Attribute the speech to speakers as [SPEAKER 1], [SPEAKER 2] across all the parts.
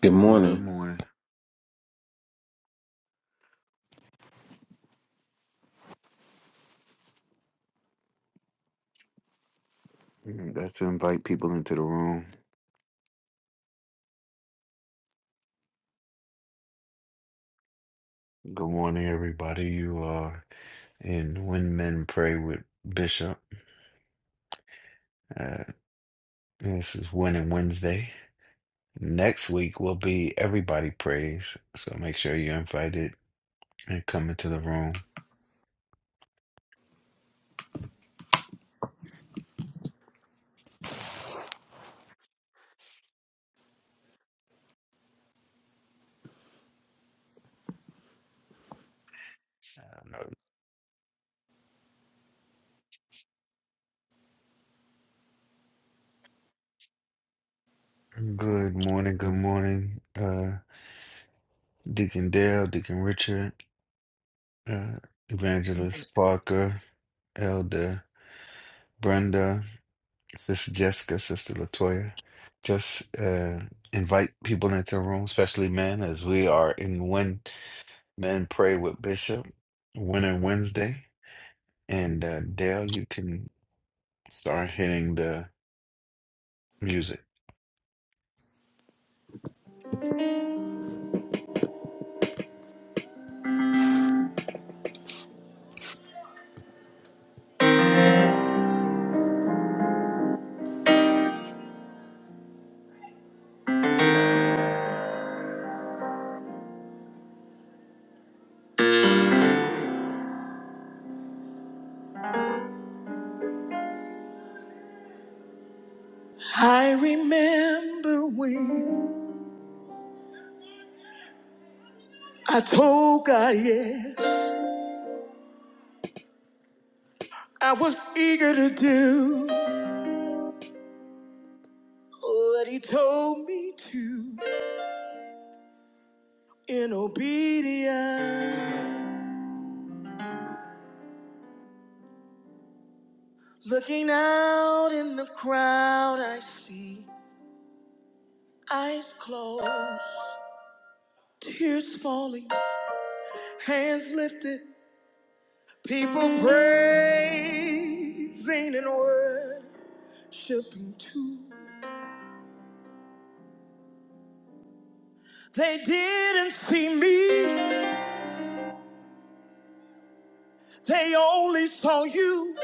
[SPEAKER 1] Good
[SPEAKER 2] Good
[SPEAKER 1] morning.
[SPEAKER 2] morning. Mm, That's to invite people into the room. Good morning, everybody. You are in When Men Pray with Bishop. Uh, this is Winning Wednesday. Next week will be Everybody Prays. So make sure you're invited and come into the room. Uh, Good morning. Good morning, uh, Deacon Dale, Deacon Richard, uh, Evangelist Parker, Elder Brenda. Sister Jessica, Sister Latoya. Just uh, invite people into the room, especially men, as we are in When Men Pray with Bishop, Winter Wednesday. And uh, Dale, you can start hitting the music.
[SPEAKER 1] I remember when I told God yes, I was eager to do what He told me to in obedience. Looking out in the crowd, I see eyes closed, tears falling, hands lifted, people praising and worshiping too. They didn't see me, they only saw you.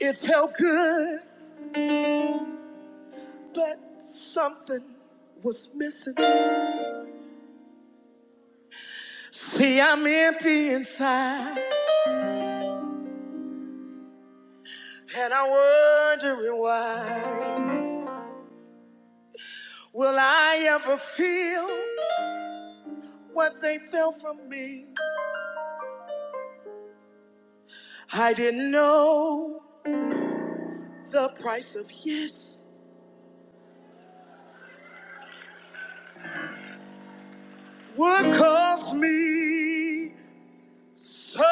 [SPEAKER 1] It felt good, but something was missing. See, I'm empty inside, and I'm wondering why. Will I ever feel what they felt from me? I didn't know the price of yes would cost me. So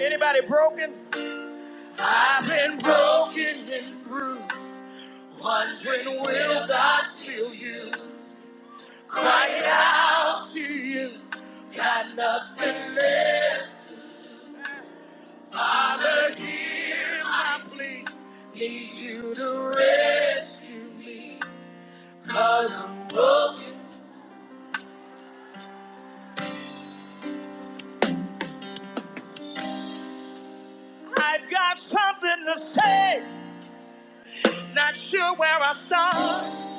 [SPEAKER 1] Anybody broken? I've been broken and bruised, wondering will God still use? Crying out to you, got nothing left. Father, hear my plea. Need you to rescue me, cause I'm broken. I've got something to say, not sure where I start.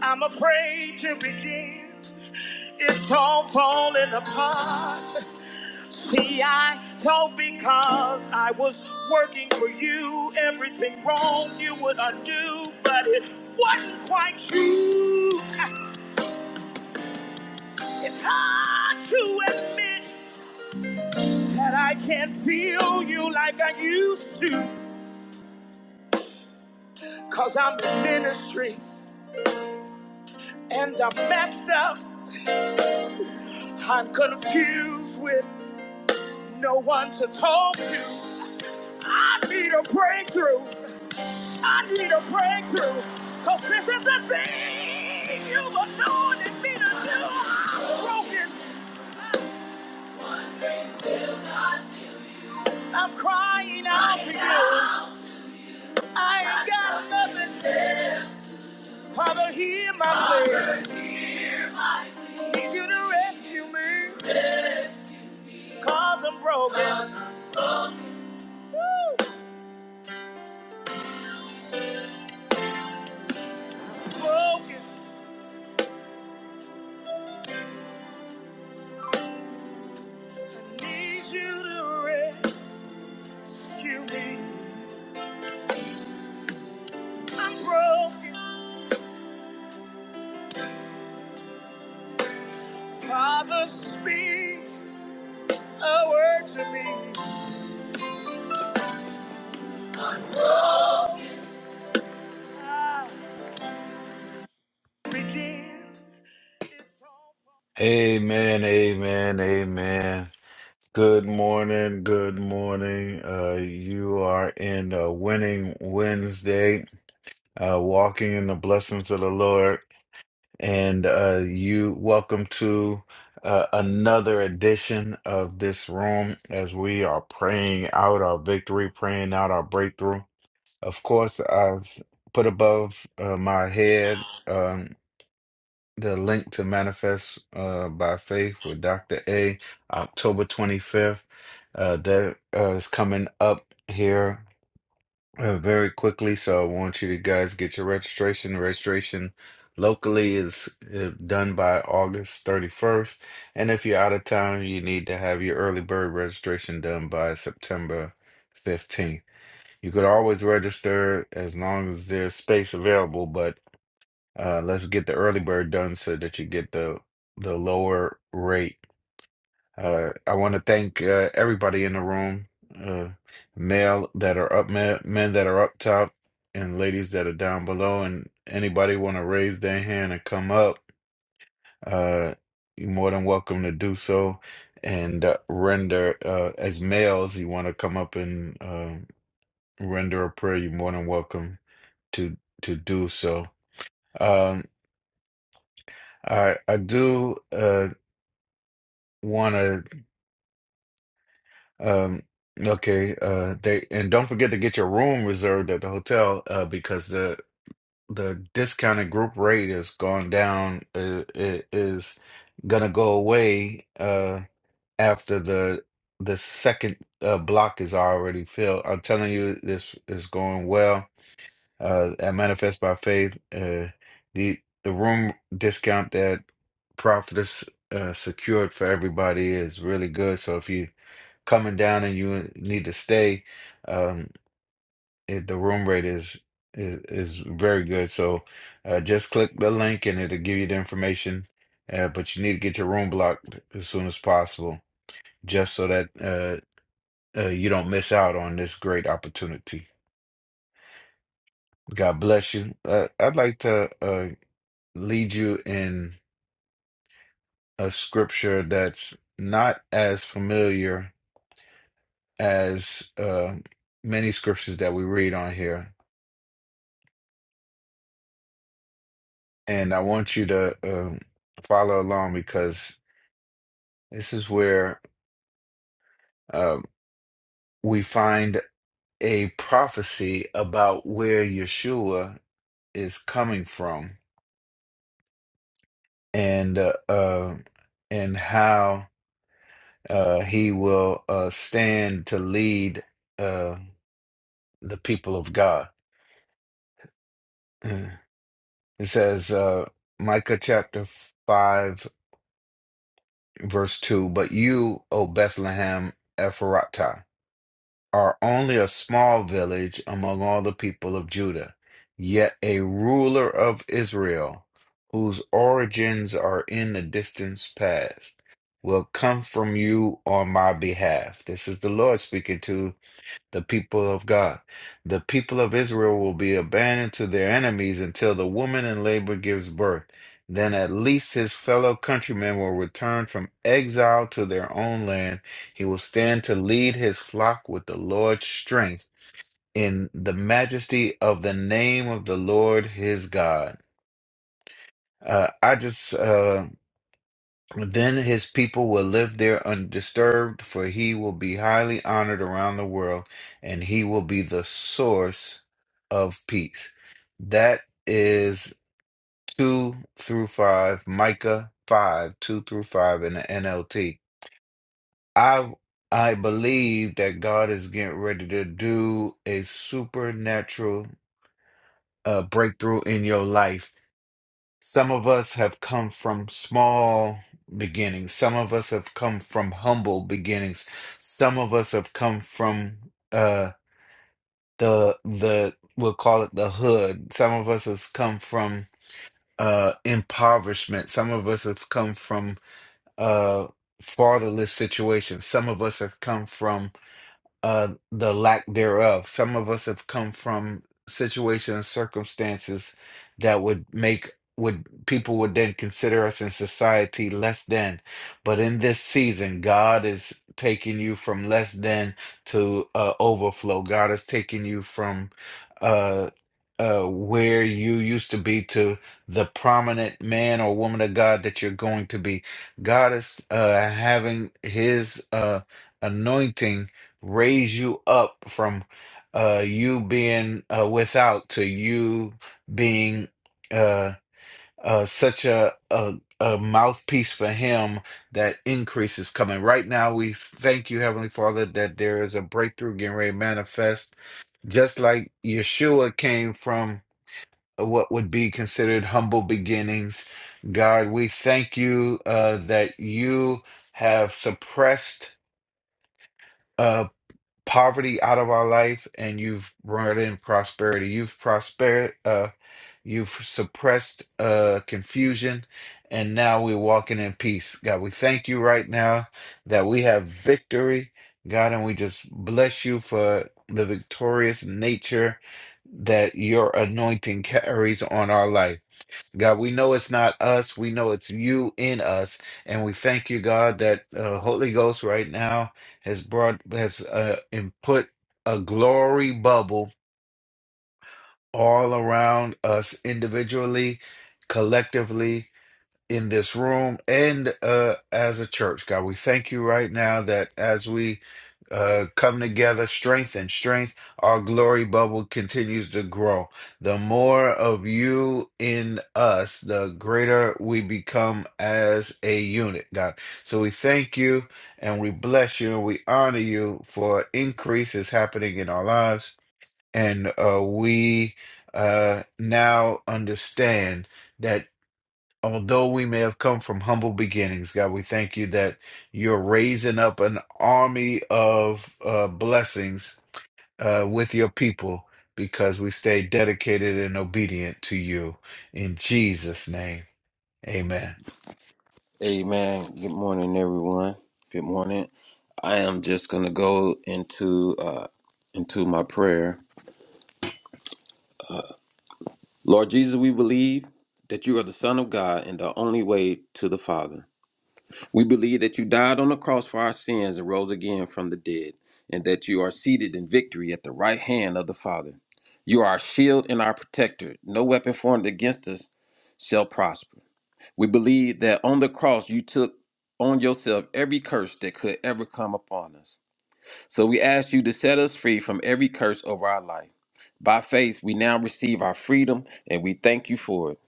[SPEAKER 1] I'm afraid to begin. It's all falling apart. See, I know because I was working for you, everything wrong you would undo, but it wasn't quite true. It's hard to admit that I can't feel you like I used to, cause I'm in ministry and I'm messed up. I'm confused with no one to talk to. I need a breakthrough. I need a breakthrough, cause this is the thing you've anointed me to do. I'm broken. I'm crying out to you. I ain't got nothing. Father, hear my prayer. Need you to rescue me, cause I'm broken. Woo! Broken. I need you to rescue me. I'm broken. Father, speak.
[SPEAKER 2] Amen, amen, amen. Good morning, good morning. Uh, you are in a winning Wednesday, uh, walking in the blessings of the Lord. and uh, you welcome to uh, another edition of this room as we are praying out our victory, praying out our breakthrough. Of course, I've put above uh, my head um, the link to Manifest uh, by Faith with Dr. A, October 25th. Uh, that uh, is coming up here uh, very quickly, so I want you to guys get your registration. Registration locally is uh, done by August 31st, and if you're out of town, you need to have your early bird registration done by September 15th. You could always register as long as there's space available, but uh, let's get the early bird done so that you get the the lower rate uh, I want to thank uh, everybody in the room, uh, male that are up, men, men that are up top, and ladies that are down below. And anybody want to raise their hand and come up, uh, you're more than welcome to do so. And uh, render uh, as males, you want to come up and uh, render a prayer. You're more than welcome to to do so. Um, I I do uh, want to. Um, okay. Uh, they and don't forget to get your room reserved at the hotel, uh, because the the discounted group rate is gone down. Uh, it is gonna go away uh after the the second uh block is already filled. I'm telling you, this is going well uh, at Manifest by Faith. Uh, the the room discount that Prophetess uh, secured for everybody is really good. So if you coming down and you need to stay, um, it, the room rate is is, is very good. So uh, just click the link and it'll give you the information. Uh, but you need to get your room blocked as soon as possible, just so that uh, uh, you don't miss out on this great opportunity. God bless you. Uh, I'd like to uh, lead you in a scripture that's not as familiar as uh, many scriptures that we read on here. And I want you to um follow along because this is where uh, we find a prophecy about where Yeshua is coming from and uh, uh, and how uh, he will uh, stand to lead uh, the people of God. It says, uh, Micah chapter 5, verse 2 But you, O Bethlehem Ephratah, are only a small village among all the people of Judah, yet a ruler of Israel, whose origins are in the distance past, will come from you on my behalf. This is the Lord speaking to the people of God. The people of Israel will be abandoned to their enemies until the woman in labor gives birth. Then at least his fellow countrymen will return from exile to their own land. He will stand to lead his flock with the Lord's strength in the majesty of the name of the Lord his God. Uh, I just uh, then his people will live there undisturbed, for he will be highly honored around the world, and he will be the source of peace. That is 2 through 5, Micah 5, 2 through 5 in the NLT. I I believe that God is getting ready to do a supernatural uh, breakthrough in your life Some of us have come from small beginnings. Some of us have come from humble beginnings. Some of us have come from uh, the the we'll call it the hood. Some of us has come from uh, impoverishment. Some of us have come from uh, fatherless situations. Some of us have come from uh, the lack thereof. Some of us have come from situations, circumstances that would make would people would then consider us in society less than. But in this season, God is taking you from less than to uh, overflow. God is taking you from uh, uh, where you used to be to the prominent man or woman of God that you're going to be. God is uh, having His uh, anointing raise you up from uh, you being uh, without to you being uh, uh, such a, a a mouthpiece for Him that increase is coming. Right now, we thank you, Heavenly Father, that there is a breakthrough getting ready to manifest, just like Yeshua came from. uh, What would be considered humble beginnings. God, we thank you uh, that you have suppressed uh poverty out of our life and you've brought in prosperity. You've prospered, uh, you've suppressed uh, confusion, and now we're walking in peace. God, we thank you right now that we have victory, God, and we just bless you for the victorious nature that your anointing carries on our life. God, we know it's not us. We know it's you in us. And we thank you, God, that uh, Holy Ghost right now has brought, has uh, and put a glory bubble all around us individually, collectively in this room and uh, as a church. God, we thank you right now that as we uh, come together, strength and strength, our glory bubble continues to grow. The more of you in us, the greater we become as a unit, God. So we thank you and we bless you and we honor you for increase is happening in our lives. And uh, we uh, now understand. that. Although we may have come from humble beginnings, God, we thank you that you're raising up an army of uh, blessings uh, with your people because we stay dedicated and obedient to you. In Jesus' name, amen.
[SPEAKER 1] Amen. Good morning, everyone. Good morning. I am just gonna go into uh, into my prayer. Lord Jesus, we believe that you are the Son of God and the only way to the Father. We believe that you died on the cross for our sins and rose again from the dead, and that you are seated in victory at the right hand of the Father. You are our shield and our protector. No weapon formed against us shall prosper. We believe that on the cross you took on yourself every curse that could ever come upon us. So we ask you to set us free from every curse over our life. By faith, we now receive our freedom and we thank you for it.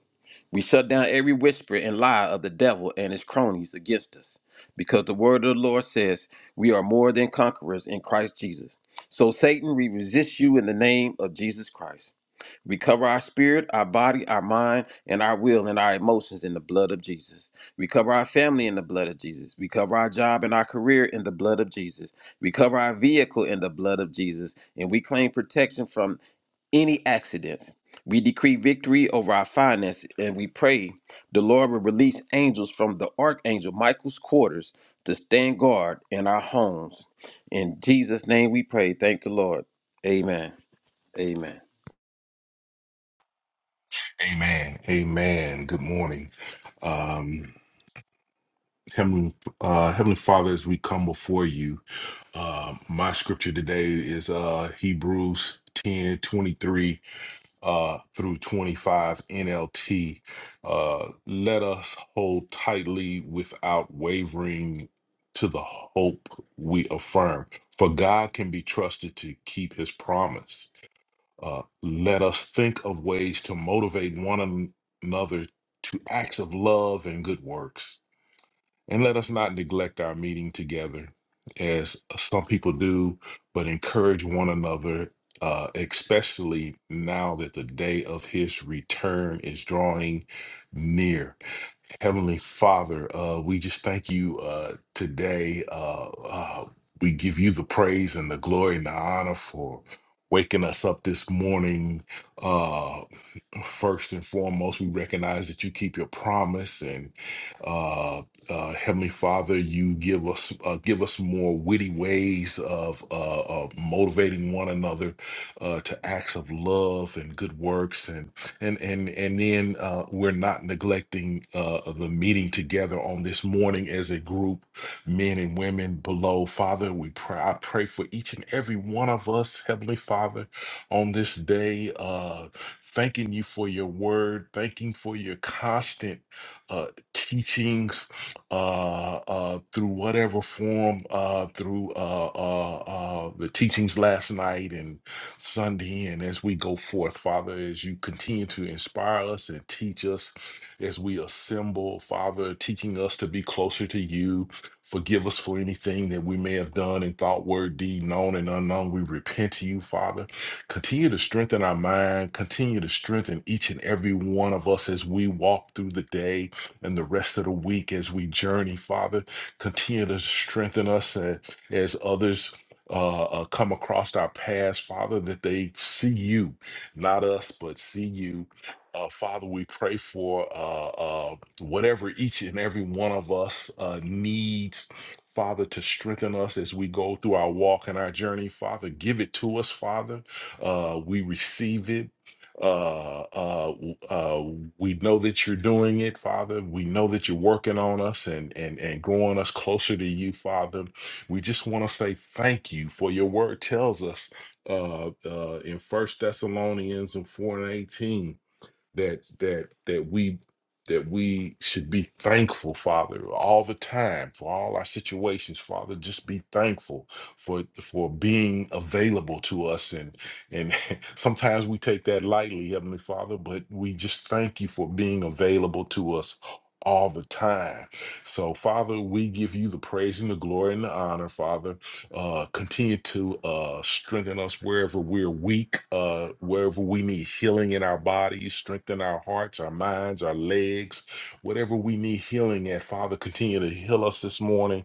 [SPEAKER 1] We shut down every whisper and lie of the devil and his cronies against us because the word of the Lord says we are more than conquerors in Christ Jesus. So, Satan, we resist you in the name of Jesus Christ. Recover our spirit, our body, our mind, and our will and our emotions in the blood of Jesus. Recover our family in the blood of Jesus. Recover our job and our career in the blood of Jesus. Recover our vehicle in the blood of Jesus. And we claim protection from any accidents. We decree victory over our finances and we pray the Lord will release angels from the archangel Michael's quarters to stand guard in our homes. In Jesus' name we pray. Thank the Lord. Amen. Amen.
[SPEAKER 3] Amen. Amen. Good morning. Um, Heavenly, uh, Heavenly Father, as we come before you, uh, my scripture today is uh, Hebrews 10 23 uh, through 25 NLT. Uh, Let us hold tightly without wavering to the hope we affirm, for God can be trusted to keep his promise. Uh, let us think of ways to motivate one an- another to acts of love and good works. And let us not neglect our meeting together as some people do, but encourage one another, uh, especially now that the day of his return is drawing near. Heavenly Father, uh, we just thank you uh, today. Uh, uh, we give you the praise and the glory and the honor for waking us up this morning, uh, first and foremost, we recognize that you keep your promise, and uh, uh, Heavenly Father, you give us uh, give us more witty ways of uh, of motivating one another uh, to acts of love and good works, and and and and then uh, we're not neglecting uh, the meeting together on this morning as a group, men and women below. Father, we pray. I pray for each and every one of us, Heavenly Father, on this day. Uh, thanking you for your word, thanking for your constant uh, teachings uh, uh, through whatever form, uh, through uh, uh, uh, the teachings last night and Sunday, and as we go forth, Father, as you continue to inspire us and teach us as we assemble, Father, teaching us to be closer to you. Forgive us for anything that we may have done in thought, word, deed, known, and unknown. We repent to you, Father Continue to strengthen our mind. Continue to strengthen each and every one of us as we walk through the day and the rest of the week as we journey, Father. Continue to strengthen us as, as others. Uh, uh, come across our paths, Father, that they see you, not us, but see you. Uh, Father, we pray for uh, uh, whatever each and every one of us uh, needs, Father, to strengthen us as we go through our walk and our journey. Father, give it to us, Father uh, we receive it. Uh, uh, w- uh, we know that you're doing it, Father. We know that you're working on us and and and growing us closer to you, Father. We just want to say thank you for your word tells us uh, uh, in First Thessalonians and four and eighteen that that that we that we should be thankful, Father, all the time for all our situations, Father. Just be thankful for for being available to us, and and sometimes we take that lightly, Heavenly Father, but we just thank you for being available to us all the time. So, Father, we give you the praise and the glory and the honor, Father. Uh, continue to uh, strengthen us wherever we're weak, uh, wherever we need healing in our bodies, strengthen our hearts, our minds, our legs, whatever we need healing at. Father, continue to heal us this morning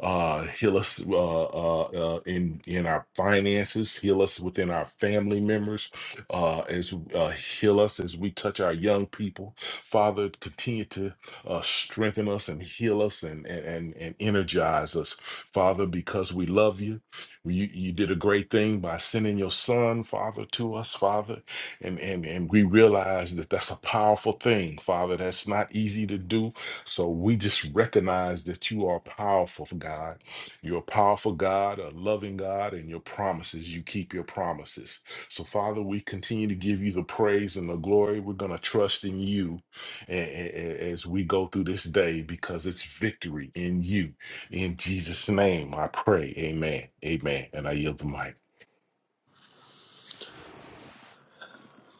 [SPEAKER 3] uh heal us uh, uh uh in in our finances heal us within our family members uh as uh heal us as we touch our young people father continue to uh strengthen us and heal us and and and, and energize us father because we love you you you did a great thing by sending your son father to us father and and and we realize that that's a powerful thing father that's not easy to do so we just recognize that you are powerful, God. You're a powerful God, a loving God, and your promises, you keep your promises. So, Father, we continue to give you the praise and the glory. We're going to trust in you a- a- a- as we go through this day because it's victory in you. In Jesus' name, I pray. Amen. Amen. And I yield the mic.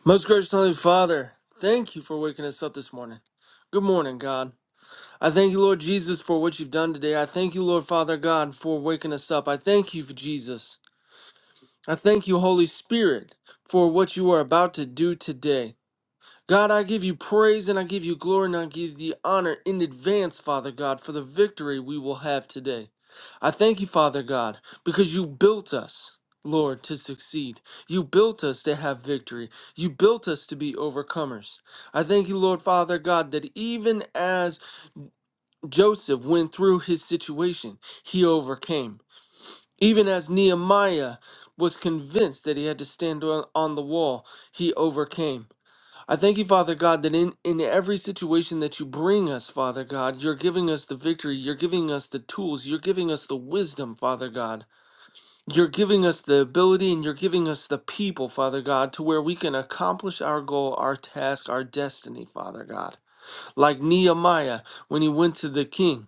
[SPEAKER 4] Most gracious Heavenly Father, thank you for waking us up this morning. Good morning, God. I thank you, Lord Jesus, for what you've done today. I thank you, Lord Father God, for waking us up. I thank you for Jesus. I thank you, Holy Spirit, for what you are about to do today. God, I give you praise and I give you glory and I give you honor in advance, Father God, for the victory we will have today. I thank you, Father God, because you built us, Lord, to succeed. You built us to have victory. You built us to be overcomers. I thank you, Lord, Father God, that even as Joseph went through his situation, he overcame. Even as Nehemiah was convinced that he had to stand on on the wall, he overcame. I thank you, Father God, that in, in every situation that you bring us, Father God, you're giving us the victory. You're giving us the tools. You're giving us the wisdom, Father God. You're giving us the ability and you're giving us the people, Father God, to where we can accomplish our goal, our task, our destiny, Father God. Like Nehemiah when he went to the king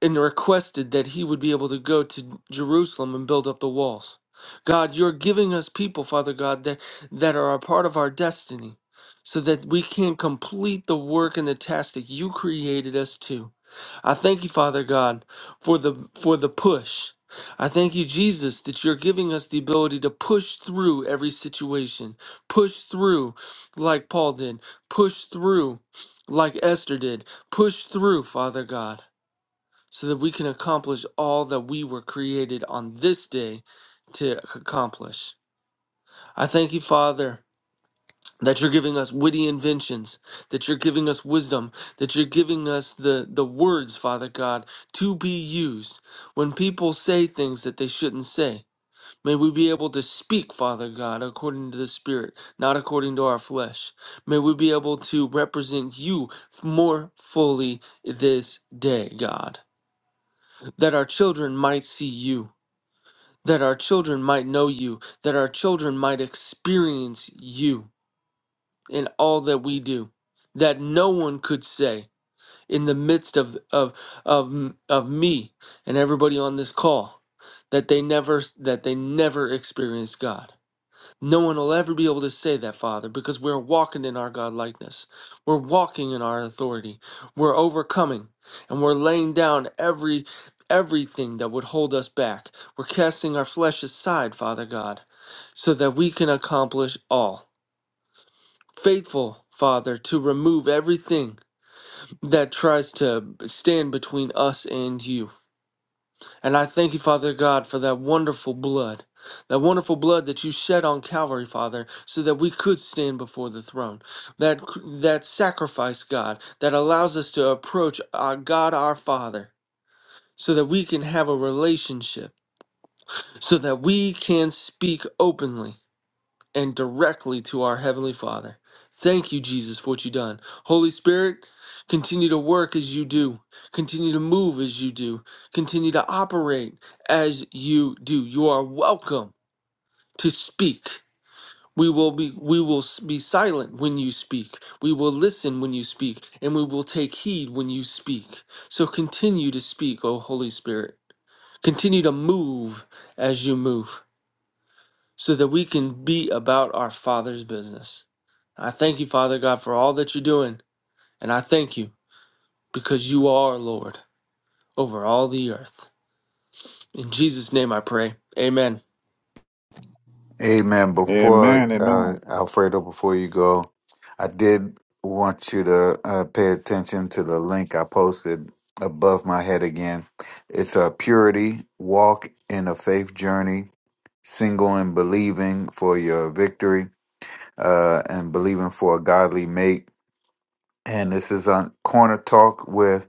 [SPEAKER 4] and requested that he would be able to go to Jerusalem and build up the walls. God, you're giving us people, Father God, that, that are a part of our destiny so that we can complete the work and the task that you created us to. I thank you, Father God, for the for the push. I thank you, Jesus, that you're giving us the ability to push through every situation, push through like Paul did, push through like Esther did, push through, Father God so that we can accomplish all that we were created on this day to accomplish. I thank you, Father, that you're giving us witty inventions, that you're giving us wisdom, that you're giving us the, the words, Father God, to be used when people say things that they shouldn't say. May we be able to speak, Father God, according to the Spirit, not according to our flesh. May we be able to represent you more fully this day, God that our children might see you, that our children might know you, that our children might experience you in all that we do, that no one could say in the midst of of of of me and everybody on this call that they never that they never experienced God no one will ever be able to say that, Father, because we're walking in our godlikeness. We're walking in our authority. We're overcoming and we're laying down every everything that would hold us back. We're casting our flesh aside, Father God, so that we can accomplish all. Faithful, Father, to remove everything that tries to stand between us and you. And I thank you, Father God, for that wonderful blood, that wonderful blood that you shed on Calvary, Father, so that we could stand before the throne. That that sacrifice, God, that allows us to approach our God, our Father, so that we can have a relationship, so that we can speak openly and directly to our Heavenly Father. Thank you, Jesus, for what you've done. Holy Spirit, continue to work as you do, continue to move as you do, continue to operate as you do. You are welcome to speak. We will be we will be silent when you speak. We will listen when you speak, and we will take heed when you speak. So continue to speak, O Holy Spirit. Continue to move as you move so that we can be about our Father's business. I thank you, Father God, for all that you're doing. And I thank you because you are Lord over all the earth. In Jesus' name I pray. Amen.
[SPEAKER 2] Amen. Before
[SPEAKER 5] Amen,
[SPEAKER 2] uh,
[SPEAKER 5] amen,
[SPEAKER 2] Alfredo, before you go, I did want you to uh, pay attention to the link I posted above my head again. It's a purity walk in a faith journey, single and believing for your victory, uh, and believing for a godly mate. And this is on Corner Talk with.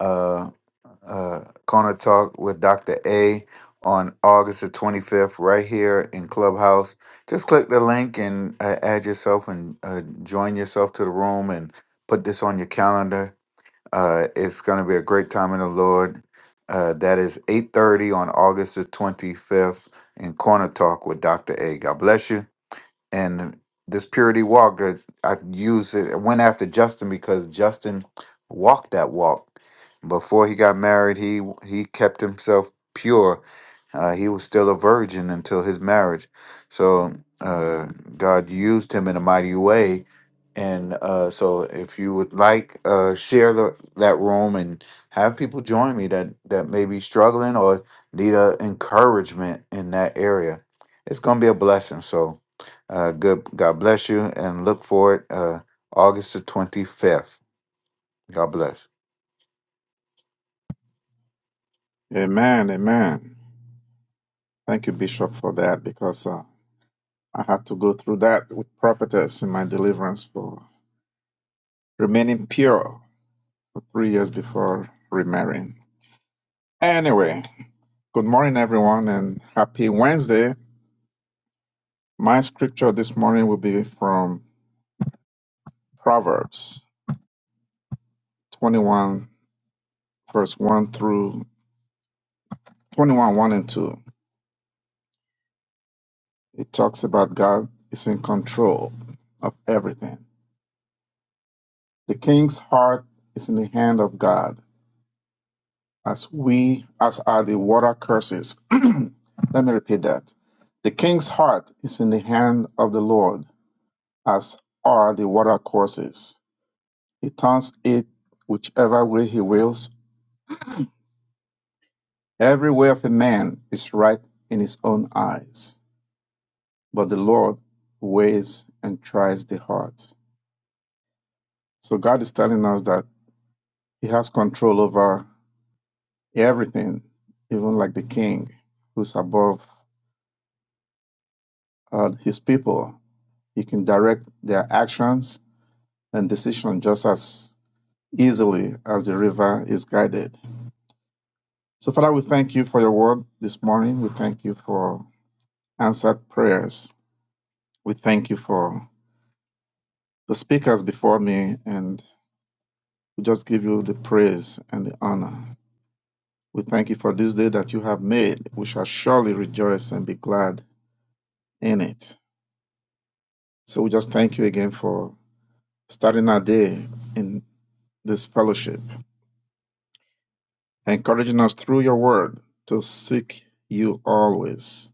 [SPEAKER 2] uh, uh, Corner Talk with Dr. A on August the 25th, right here in Clubhouse. Just click the link and uh, add yourself and uh, join yourself to the room and put this on your calendar. Uh, it's going to be a great time in the Lord. Uh, that is 8.30 on August the 25th in Corner Talk with Dr. A. God bless you and this purity walk uh, i used it I went after justin because justin walked that walk before he got married he he kept himself pure uh, he was still a virgin until his marriage so uh, god used him in a mighty way and uh, so if you would like uh, share the, that room and have people join me that that may be struggling or need a encouragement in that area it's going to be a blessing so uh, good. God bless you, and look forward uh, August the twenty fifth. God bless.
[SPEAKER 5] amen, amen. Thank you, Bishop, for that because uh, I had to go through that with prophetess in my deliverance for remaining pure for three years before remarrying. Anyway, good morning, everyone, and happy Wednesday. My scripture this morning will be from Proverbs 21, verse 1 through 21, 1 and 2. It talks about God is in control of everything. The king's heart is in the hand of God, as we as are the water courses. Let me repeat that. The king's heart is in the hand of the Lord, as are the water courses. He turns it whichever way he wills. Every way of a man is right in his own eyes, but the Lord weighs and tries the heart. So God is telling us that he has control over everything, even like the king who's above and his people, he can direct their actions and decisions just as easily as the river is guided. So, Father, we thank you for your word this morning. We thank you for answered prayers. We thank you for the speakers before me, and we just give you the praise and the honor. We thank you for this day that you have made. We shall surely rejoice and be glad in it. So, we just thank you again for starting our day in this fellowship. encouraging us through your word to seek you always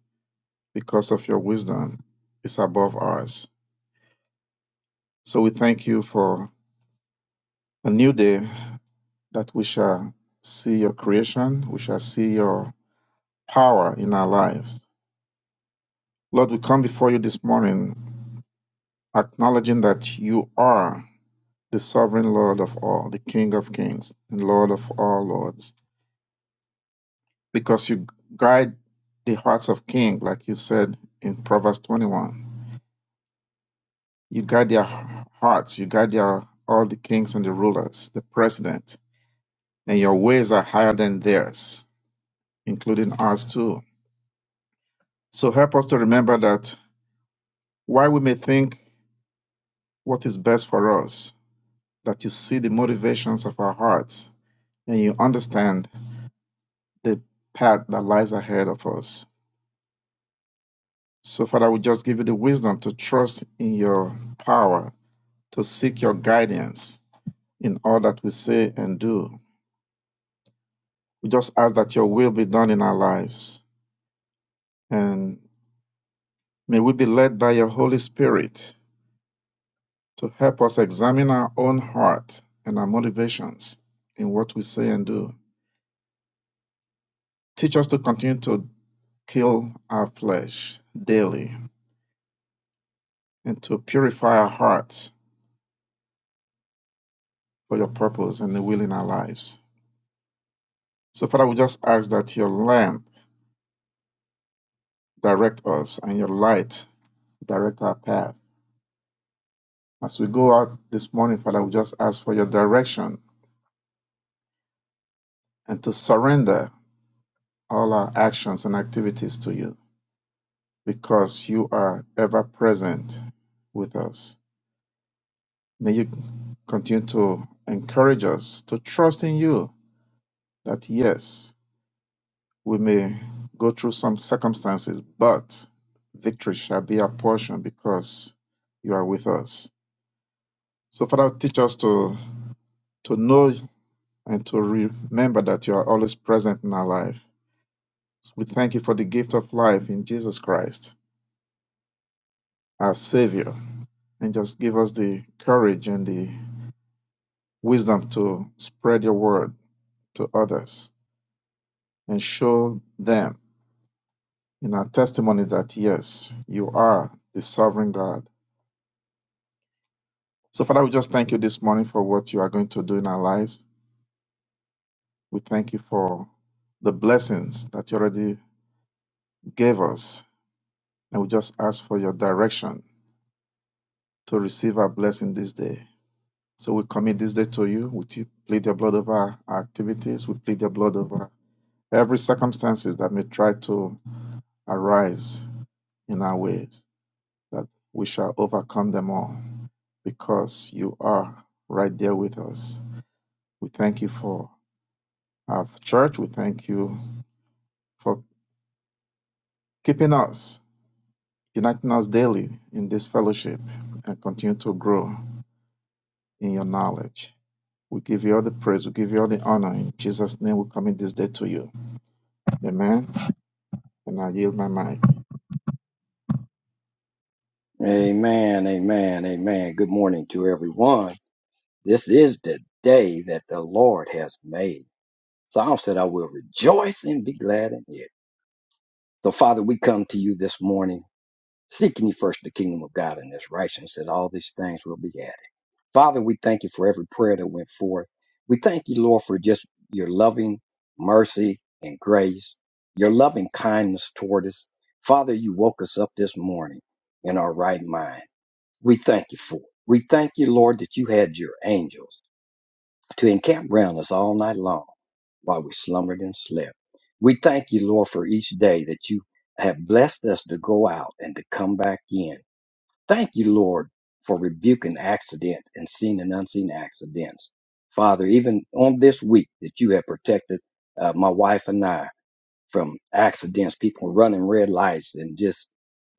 [SPEAKER 5] because of your wisdom is above ours. So we thank you for a new day that we shall see your creation, we shall see your power in our lives. Lord, we come before you this morning acknowledging that you are the sovereign Lord of all, the King of kings, and Lord of all lords, because you guide the hearts of kings, like you said in Proverbs 21 You guard their hearts. You guard their, all the kings and the rulers, the president. And your ways are higher than theirs, including ours too. So help us to remember that while we may think what is best for us, that you see the motivations of our hearts and you understand the path that lies ahead of us. So, Father, we just give you the wisdom to trust in your power, to seek your guidance in all that we say and do. We just ask that your will be done in our lives. And may we be led by your Holy Spirit to help us examine our own heart and our motivations in what we say and do. Teach us to continue to kill our flesh daily and to purify our heart for your purpose and the will in our lives. So, Father, we just ask that your lamp direct us and your light direct our path. As we go out this morning, Father, we just ask for your direction and to surrender all our actions and activities to you because you are ever present with us. May you continue to encourage us to trust in you that yes, we may go through some circumstances, but victory shall be our portion because you are with us. So, Father, teach us to, to know and to remember that you are always present in our life. So, We thank you for the gift of life in Jesus Christ, our Savior, and just give us the courage and the wisdom to spread your word to others and show them in our testimony that yes, you are the sovereign God. So, Father, we just thank you this morning for what you are going to do in our lives. We thank you for the blessings that you already gave us. And we just ask for your direction to receive our blessing this day. So we commit this day to you. We te- plead your blood over our activities. We plead your blood over every circumstances that may try to arise in our ways. that we shall overcome them all because you are right there with us. We thank you for our church. We thank you for keeping us, uniting us daily in this fellowship, and continue to grow in your knowledge. We give you all the praise. We give you all the honor. In Jesus' name, we commit this day to you. Amen. And I yield my mic.
[SPEAKER 6] Amen, amen, amen. Good morning to everyone. This is the day that the Lord has made. Psalm said, I will rejoice and be glad in it. So, Father, we come to you this morning, seeking you first the kingdom of God and his righteousness, that all these things will be added. Father, we thank you for every prayer that went forth. We thank you, Lord, for just your loving mercy and grace, your loving kindness toward us. Father, you woke us up this morning in our right mind. We thank you for it. We thank you, Lord, that you had your angels to encamp round us all night long while we slumbered and slept. We thank you, Lord, for each day that you have blessed us to go out and to come back in. Thank you, Lord, for rebuking accident and seen and unseen accidents. Father, even on this week that you have protected uh, my wife and I from accidents, people running red lights, and just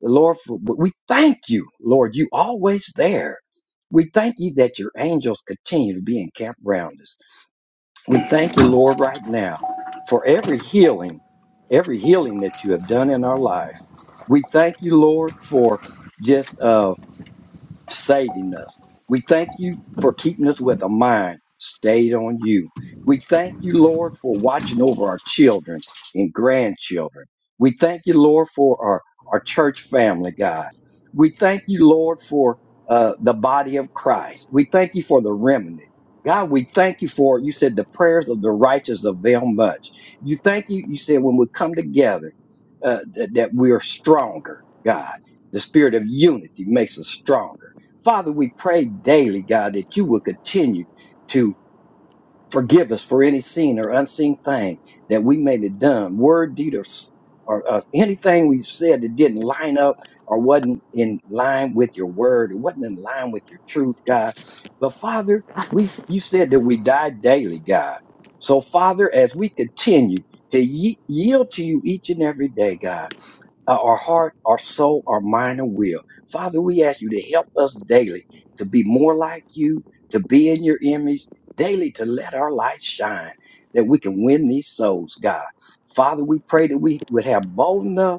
[SPEAKER 6] Lord, for- we thank you, Lord, you always there. We thank you that your angels continue to be encamped around us. We thank you, Lord, right now for every healing, every healing that you have done in our life. We thank you, Lord, for just uh, saving us. We thank you for keeping us with a mind stayed on you. We thank you, Lord, for watching over our children and grandchildren. We thank you, Lord, for our, our church family, God. We thank you, Lord, for uh, the body of Christ. We thank you for the remnant. God, we thank you for, you said, the prayers of the righteous avail much. You thank you, you said, when we come together, uh, that that we are stronger, God. The spirit of unity makes us stronger. Father, we pray daily, God, that you will continue to forgive us for any seen or unseen thing that we may have done, word, deed, or, s- or uh, anything we've said that didn't line up or wasn't in line with your word or wasn't in line with your truth, God. But Father, we you said that we die daily, God. So Father, as we continue to ye- yield to you each and every day, God uh, our heart, our soul, our mind, and will. Father, we ask you to help us daily to be more like you, to be in your image, daily to let our light shine that we can win these souls, God. Father, we pray that we would have boldness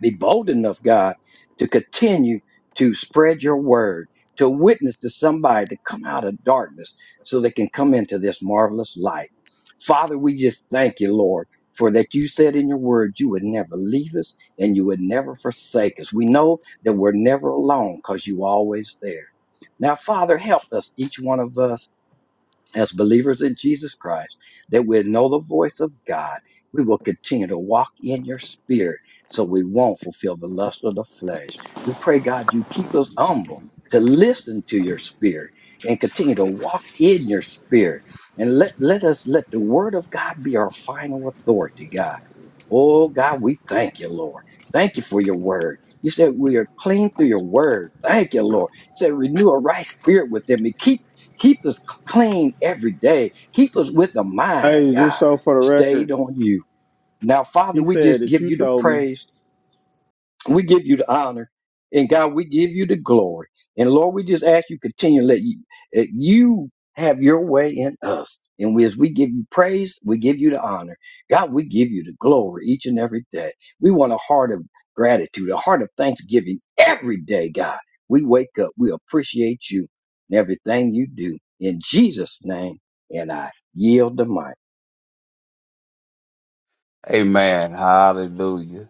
[SPEAKER 6] be bold enough, God, to continue to spread your word, to witness to somebody to come out of darkness so they can come into this marvelous light. Father, we just thank you, Lord, for that you said in your word you would never leave us and you would never forsake us. We know that we're never alone because you always there. Now, Father, help us, each one of us as believers in Jesus Christ, that we know the voice of God. We will continue to walk in your spirit so we won't fulfill the lust of the flesh. We pray, God, you keep us humble to listen to your spirit and continue to walk in your spirit. And let, let us let the word of God be our final authority, God. Oh, God, we thank you, Lord. Thank you for your word. You said we are clean through your word. Thank you, Lord. You said renew a right spirit within me. Keep Keep us clean every day. Keep us with a mind,
[SPEAKER 7] Hey, just
[SPEAKER 6] God,
[SPEAKER 7] so for the
[SPEAKER 6] stayed
[SPEAKER 7] record,
[SPEAKER 6] on you. Now, Father,
[SPEAKER 7] he
[SPEAKER 6] we
[SPEAKER 7] said
[SPEAKER 6] just
[SPEAKER 7] that
[SPEAKER 6] give
[SPEAKER 7] you
[SPEAKER 6] you the
[SPEAKER 7] told me
[SPEAKER 6] praise we give you the honor. And God, we give you the glory. And Lord, we just ask you continue to let you, uh, you have your way in us. And we, as we give you praise, we give you the honor. God, we give you the glory each and every day. We want a heart of gratitude, a heart of thanksgiving every day, God. We wake up. We appreciate you and everything you do. In Jesus' name, and I yield the mic.
[SPEAKER 8] Amen. Hallelujah.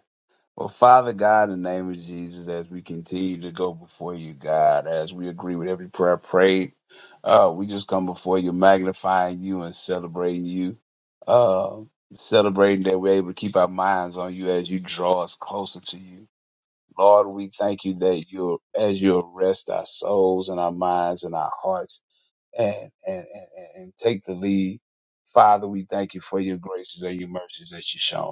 [SPEAKER 8] Well, Father God, in the name of Jesus, as we continue to go before you, God, as we agree with every prayer prayed, uh, we just come before you, magnifying you and celebrating you, uh, celebrating that we're able to keep our minds on you as you draw us closer to you. Lord, we thank you that you, as you arrest our souls and our minds and our hearts, and and and, and and take the lead. Father, we thank you for your graces and your mercies that you shown.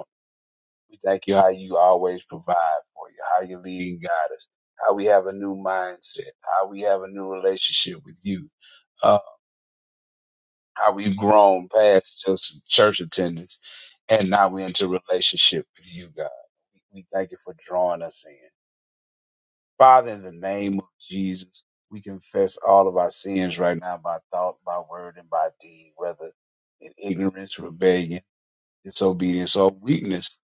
[SPEAKER 8] We thank you how you always provide for you, how you lead and guide us, how we have a new mindset, how we have a new relationship with you, uh, how we've grown past just church attendance and now we're into relationship with you, God. We thank you for drawing us in. Father, in the name of Jesus, we confess all of our sins right now by thought, by word, and by deed, whether in ignorance, rebellion disobedience or weakness.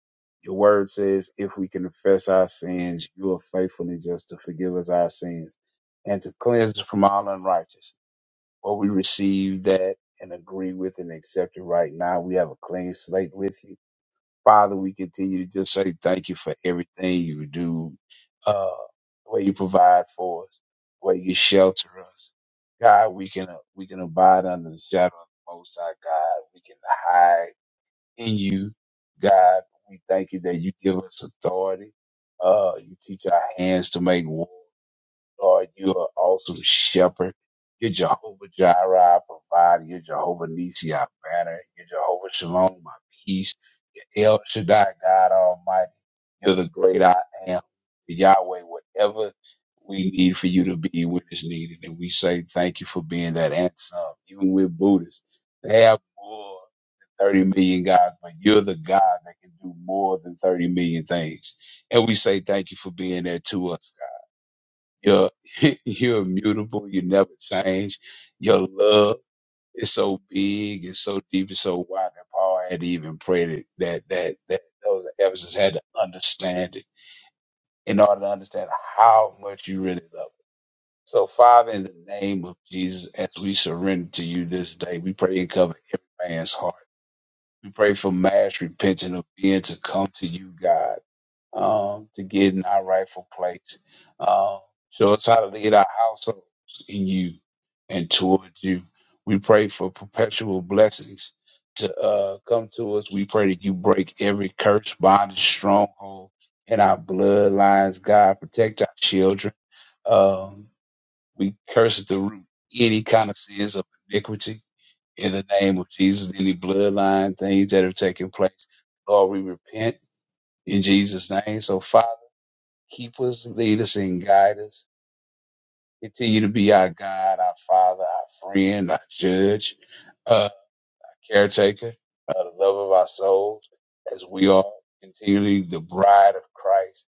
[SPEAKER 8] Your word says, if we confess our sins, you are faithful and just to forgive us our sins and to cleanse us from all unrighteousness. Well, we receive that and agree with and accept it right now. We have a clean slate with you. Father, we continue to just say thank you for everything you do, uh, the way you provide for us, the way you shelter us. God, we can, we can abide under the shadow of the Most High God. We can hide in you, God. We thank you that you give us authority. Uh, you teach our hands to make war. Lord, you are awesome shepherd. You're Jehovah Jireh, our provider. You're Jehovah Nisi, our banner. You're Jehovah Shalom, my peace. You're El Shaddai, God Almighty. You're the great I am, Yahweh, whatever we need for you to be when it's needed. And we say thank you for being that and some. Even with Buddhists, they have more than 30 million gods, but you're the God that can do more than 30 million things. And we say thank you for being there to us, God. You're, you're immutable. You never change. Your love is so big and so deep and so wide that Paul had to even pray that, that, that, that those Ephesians had to understand it in order to understand how much you really love it. So, Father, in the name of Jesus, as we surrender to you this day, we pray and cover every man's heart. We pray for mass repentance of being to come to you, God um, to get in our rightful place. Um, show us how to lead our households in you and towards you. We pray for perpetual blessings to uh, come to us. We pray that you break every curse, bondage, stronghold in our bloodlines. God, protect our children. Um, we curse at the root any kind of sins of iniquity in the name of Jesus, any bloodline things that have taken place. Lord, we repent in Jesus' name. So, Father, Keep us, lead us, and guide us. Continue to be our God, our Father, our friend, our judge, uh, caretaker, uh, the love of our souls, as we are continually the bride of Christ.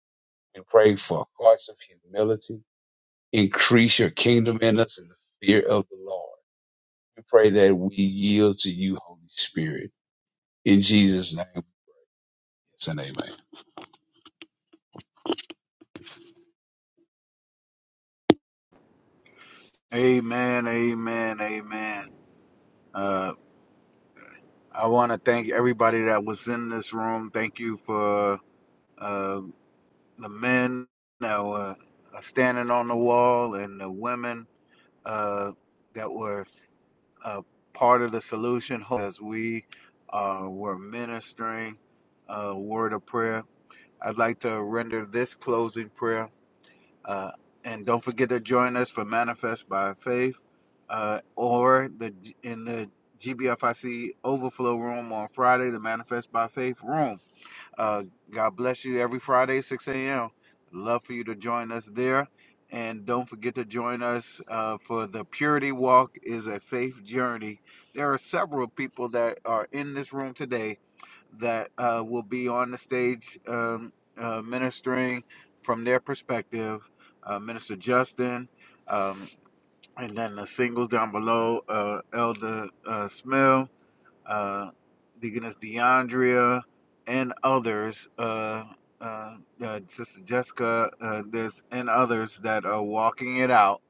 [SPEAKER 8] We pray for hearts of humility. Increase your kingdom in us in the fear of the Lord. We pray that we yield to you, Holy Spirit. In Jesus' name, yes and amen.
[SPEAKER 2] Amen, amen, amen. Uh, I want to thank everybody that was in this room. Thank you for uh, the men that were uh, standing on the wall and the women uh, that were uh, part of the solution as we uh, were ministering a word of prayer. I'd like to render this closing prayer. Uh, and don't forget to join us for Manifest by Faith uh, or the in the GBFIC Overflow Room on Friday, the Manifest by Faith Room. Uh, God bless you every Friday, 6 a.m. Love for you to join us there. And don't forget to join us uh, for the Purity Walk is a faith journey. There are several people that are in this room today that uh, will be on the stage um, uh, ministering from their perspective. Uh, Minister Justin, um, and then the singles down below, uh, Elder uh, Smil uh, Deaconess DeAndrea, and others, uh, uh, uh, Sister Jessica, uh, there's and others that are walking it out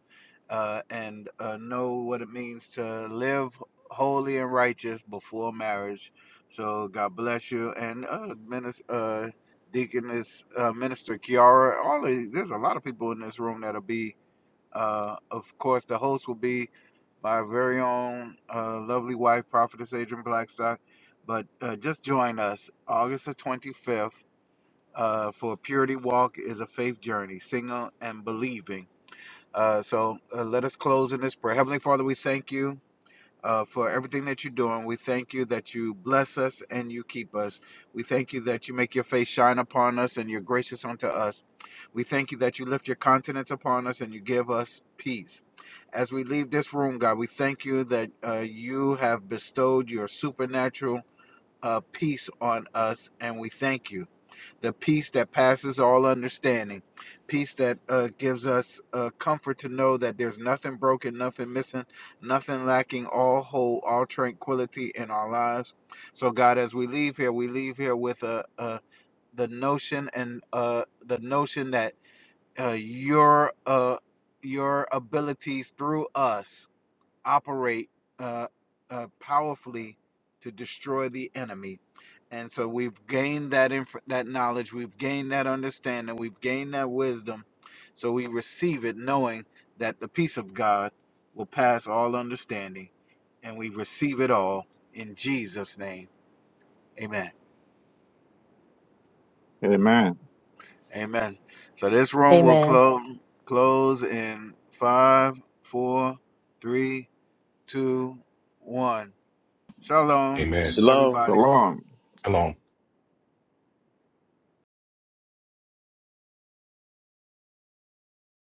[SPEAKER 2] uh, and uh, know what it means to live holy and righteous before marriage. So God bless you, and uh, minister, uh, Deaconess uh, Minister Kiara. All of, there's a lot of people in this room that'll be uh, of course, the host will be my very own uh, lovely wife, Prophetess Adrian Blackstock. But uh, just join us August the 25th uh, for Purity Walk is a faith journey, single and believing. Uh, so uh, let us close in this prayer. Heavenly Father, we thank you uh, for everything that you're doing. We thank you that you bless us and you keep us. We thank you that you make your face shine upon us and you're gracious unto us. We thank you that you lift your countenance upon us and you give us peace. As we leave this room, God, we thank you that uh, you have bestowed your supernatural uh, peace on us, and we thank you the peace that passes all understanding, peace that uh, gives us uh, comfort to know that there's nothing broken, nothing missing, nothing lacking, all whole, all tranquility in our lives. So, God, as we leave here, we leave here with uh, uh, the notion and uh, the notion that uh, your uh, your abilities through us operate uh, uh, powerfully to destroy the enemy. And so we've gained that inf- that knowledge, we've gained that understanding, we've gained that wisdom. So we receive it knowing that the peace of God will pass all understanding, and we receive it all in Jesus' name. Amen.
[SPEAKER 5] Amen.
[SPEAKER 2] Amen. So this room will
[SPEAKER 9] Amen.
[SPEAKER 2] close close in five, four, three, two, one. Shalom,
[SPEAKER 3] Amen.
[SPEAKER 2] everybody.
[SPEAKER 1] Shalom.
[SPEAKER 5] Shalom.
[SPEAKER 3] Shalom.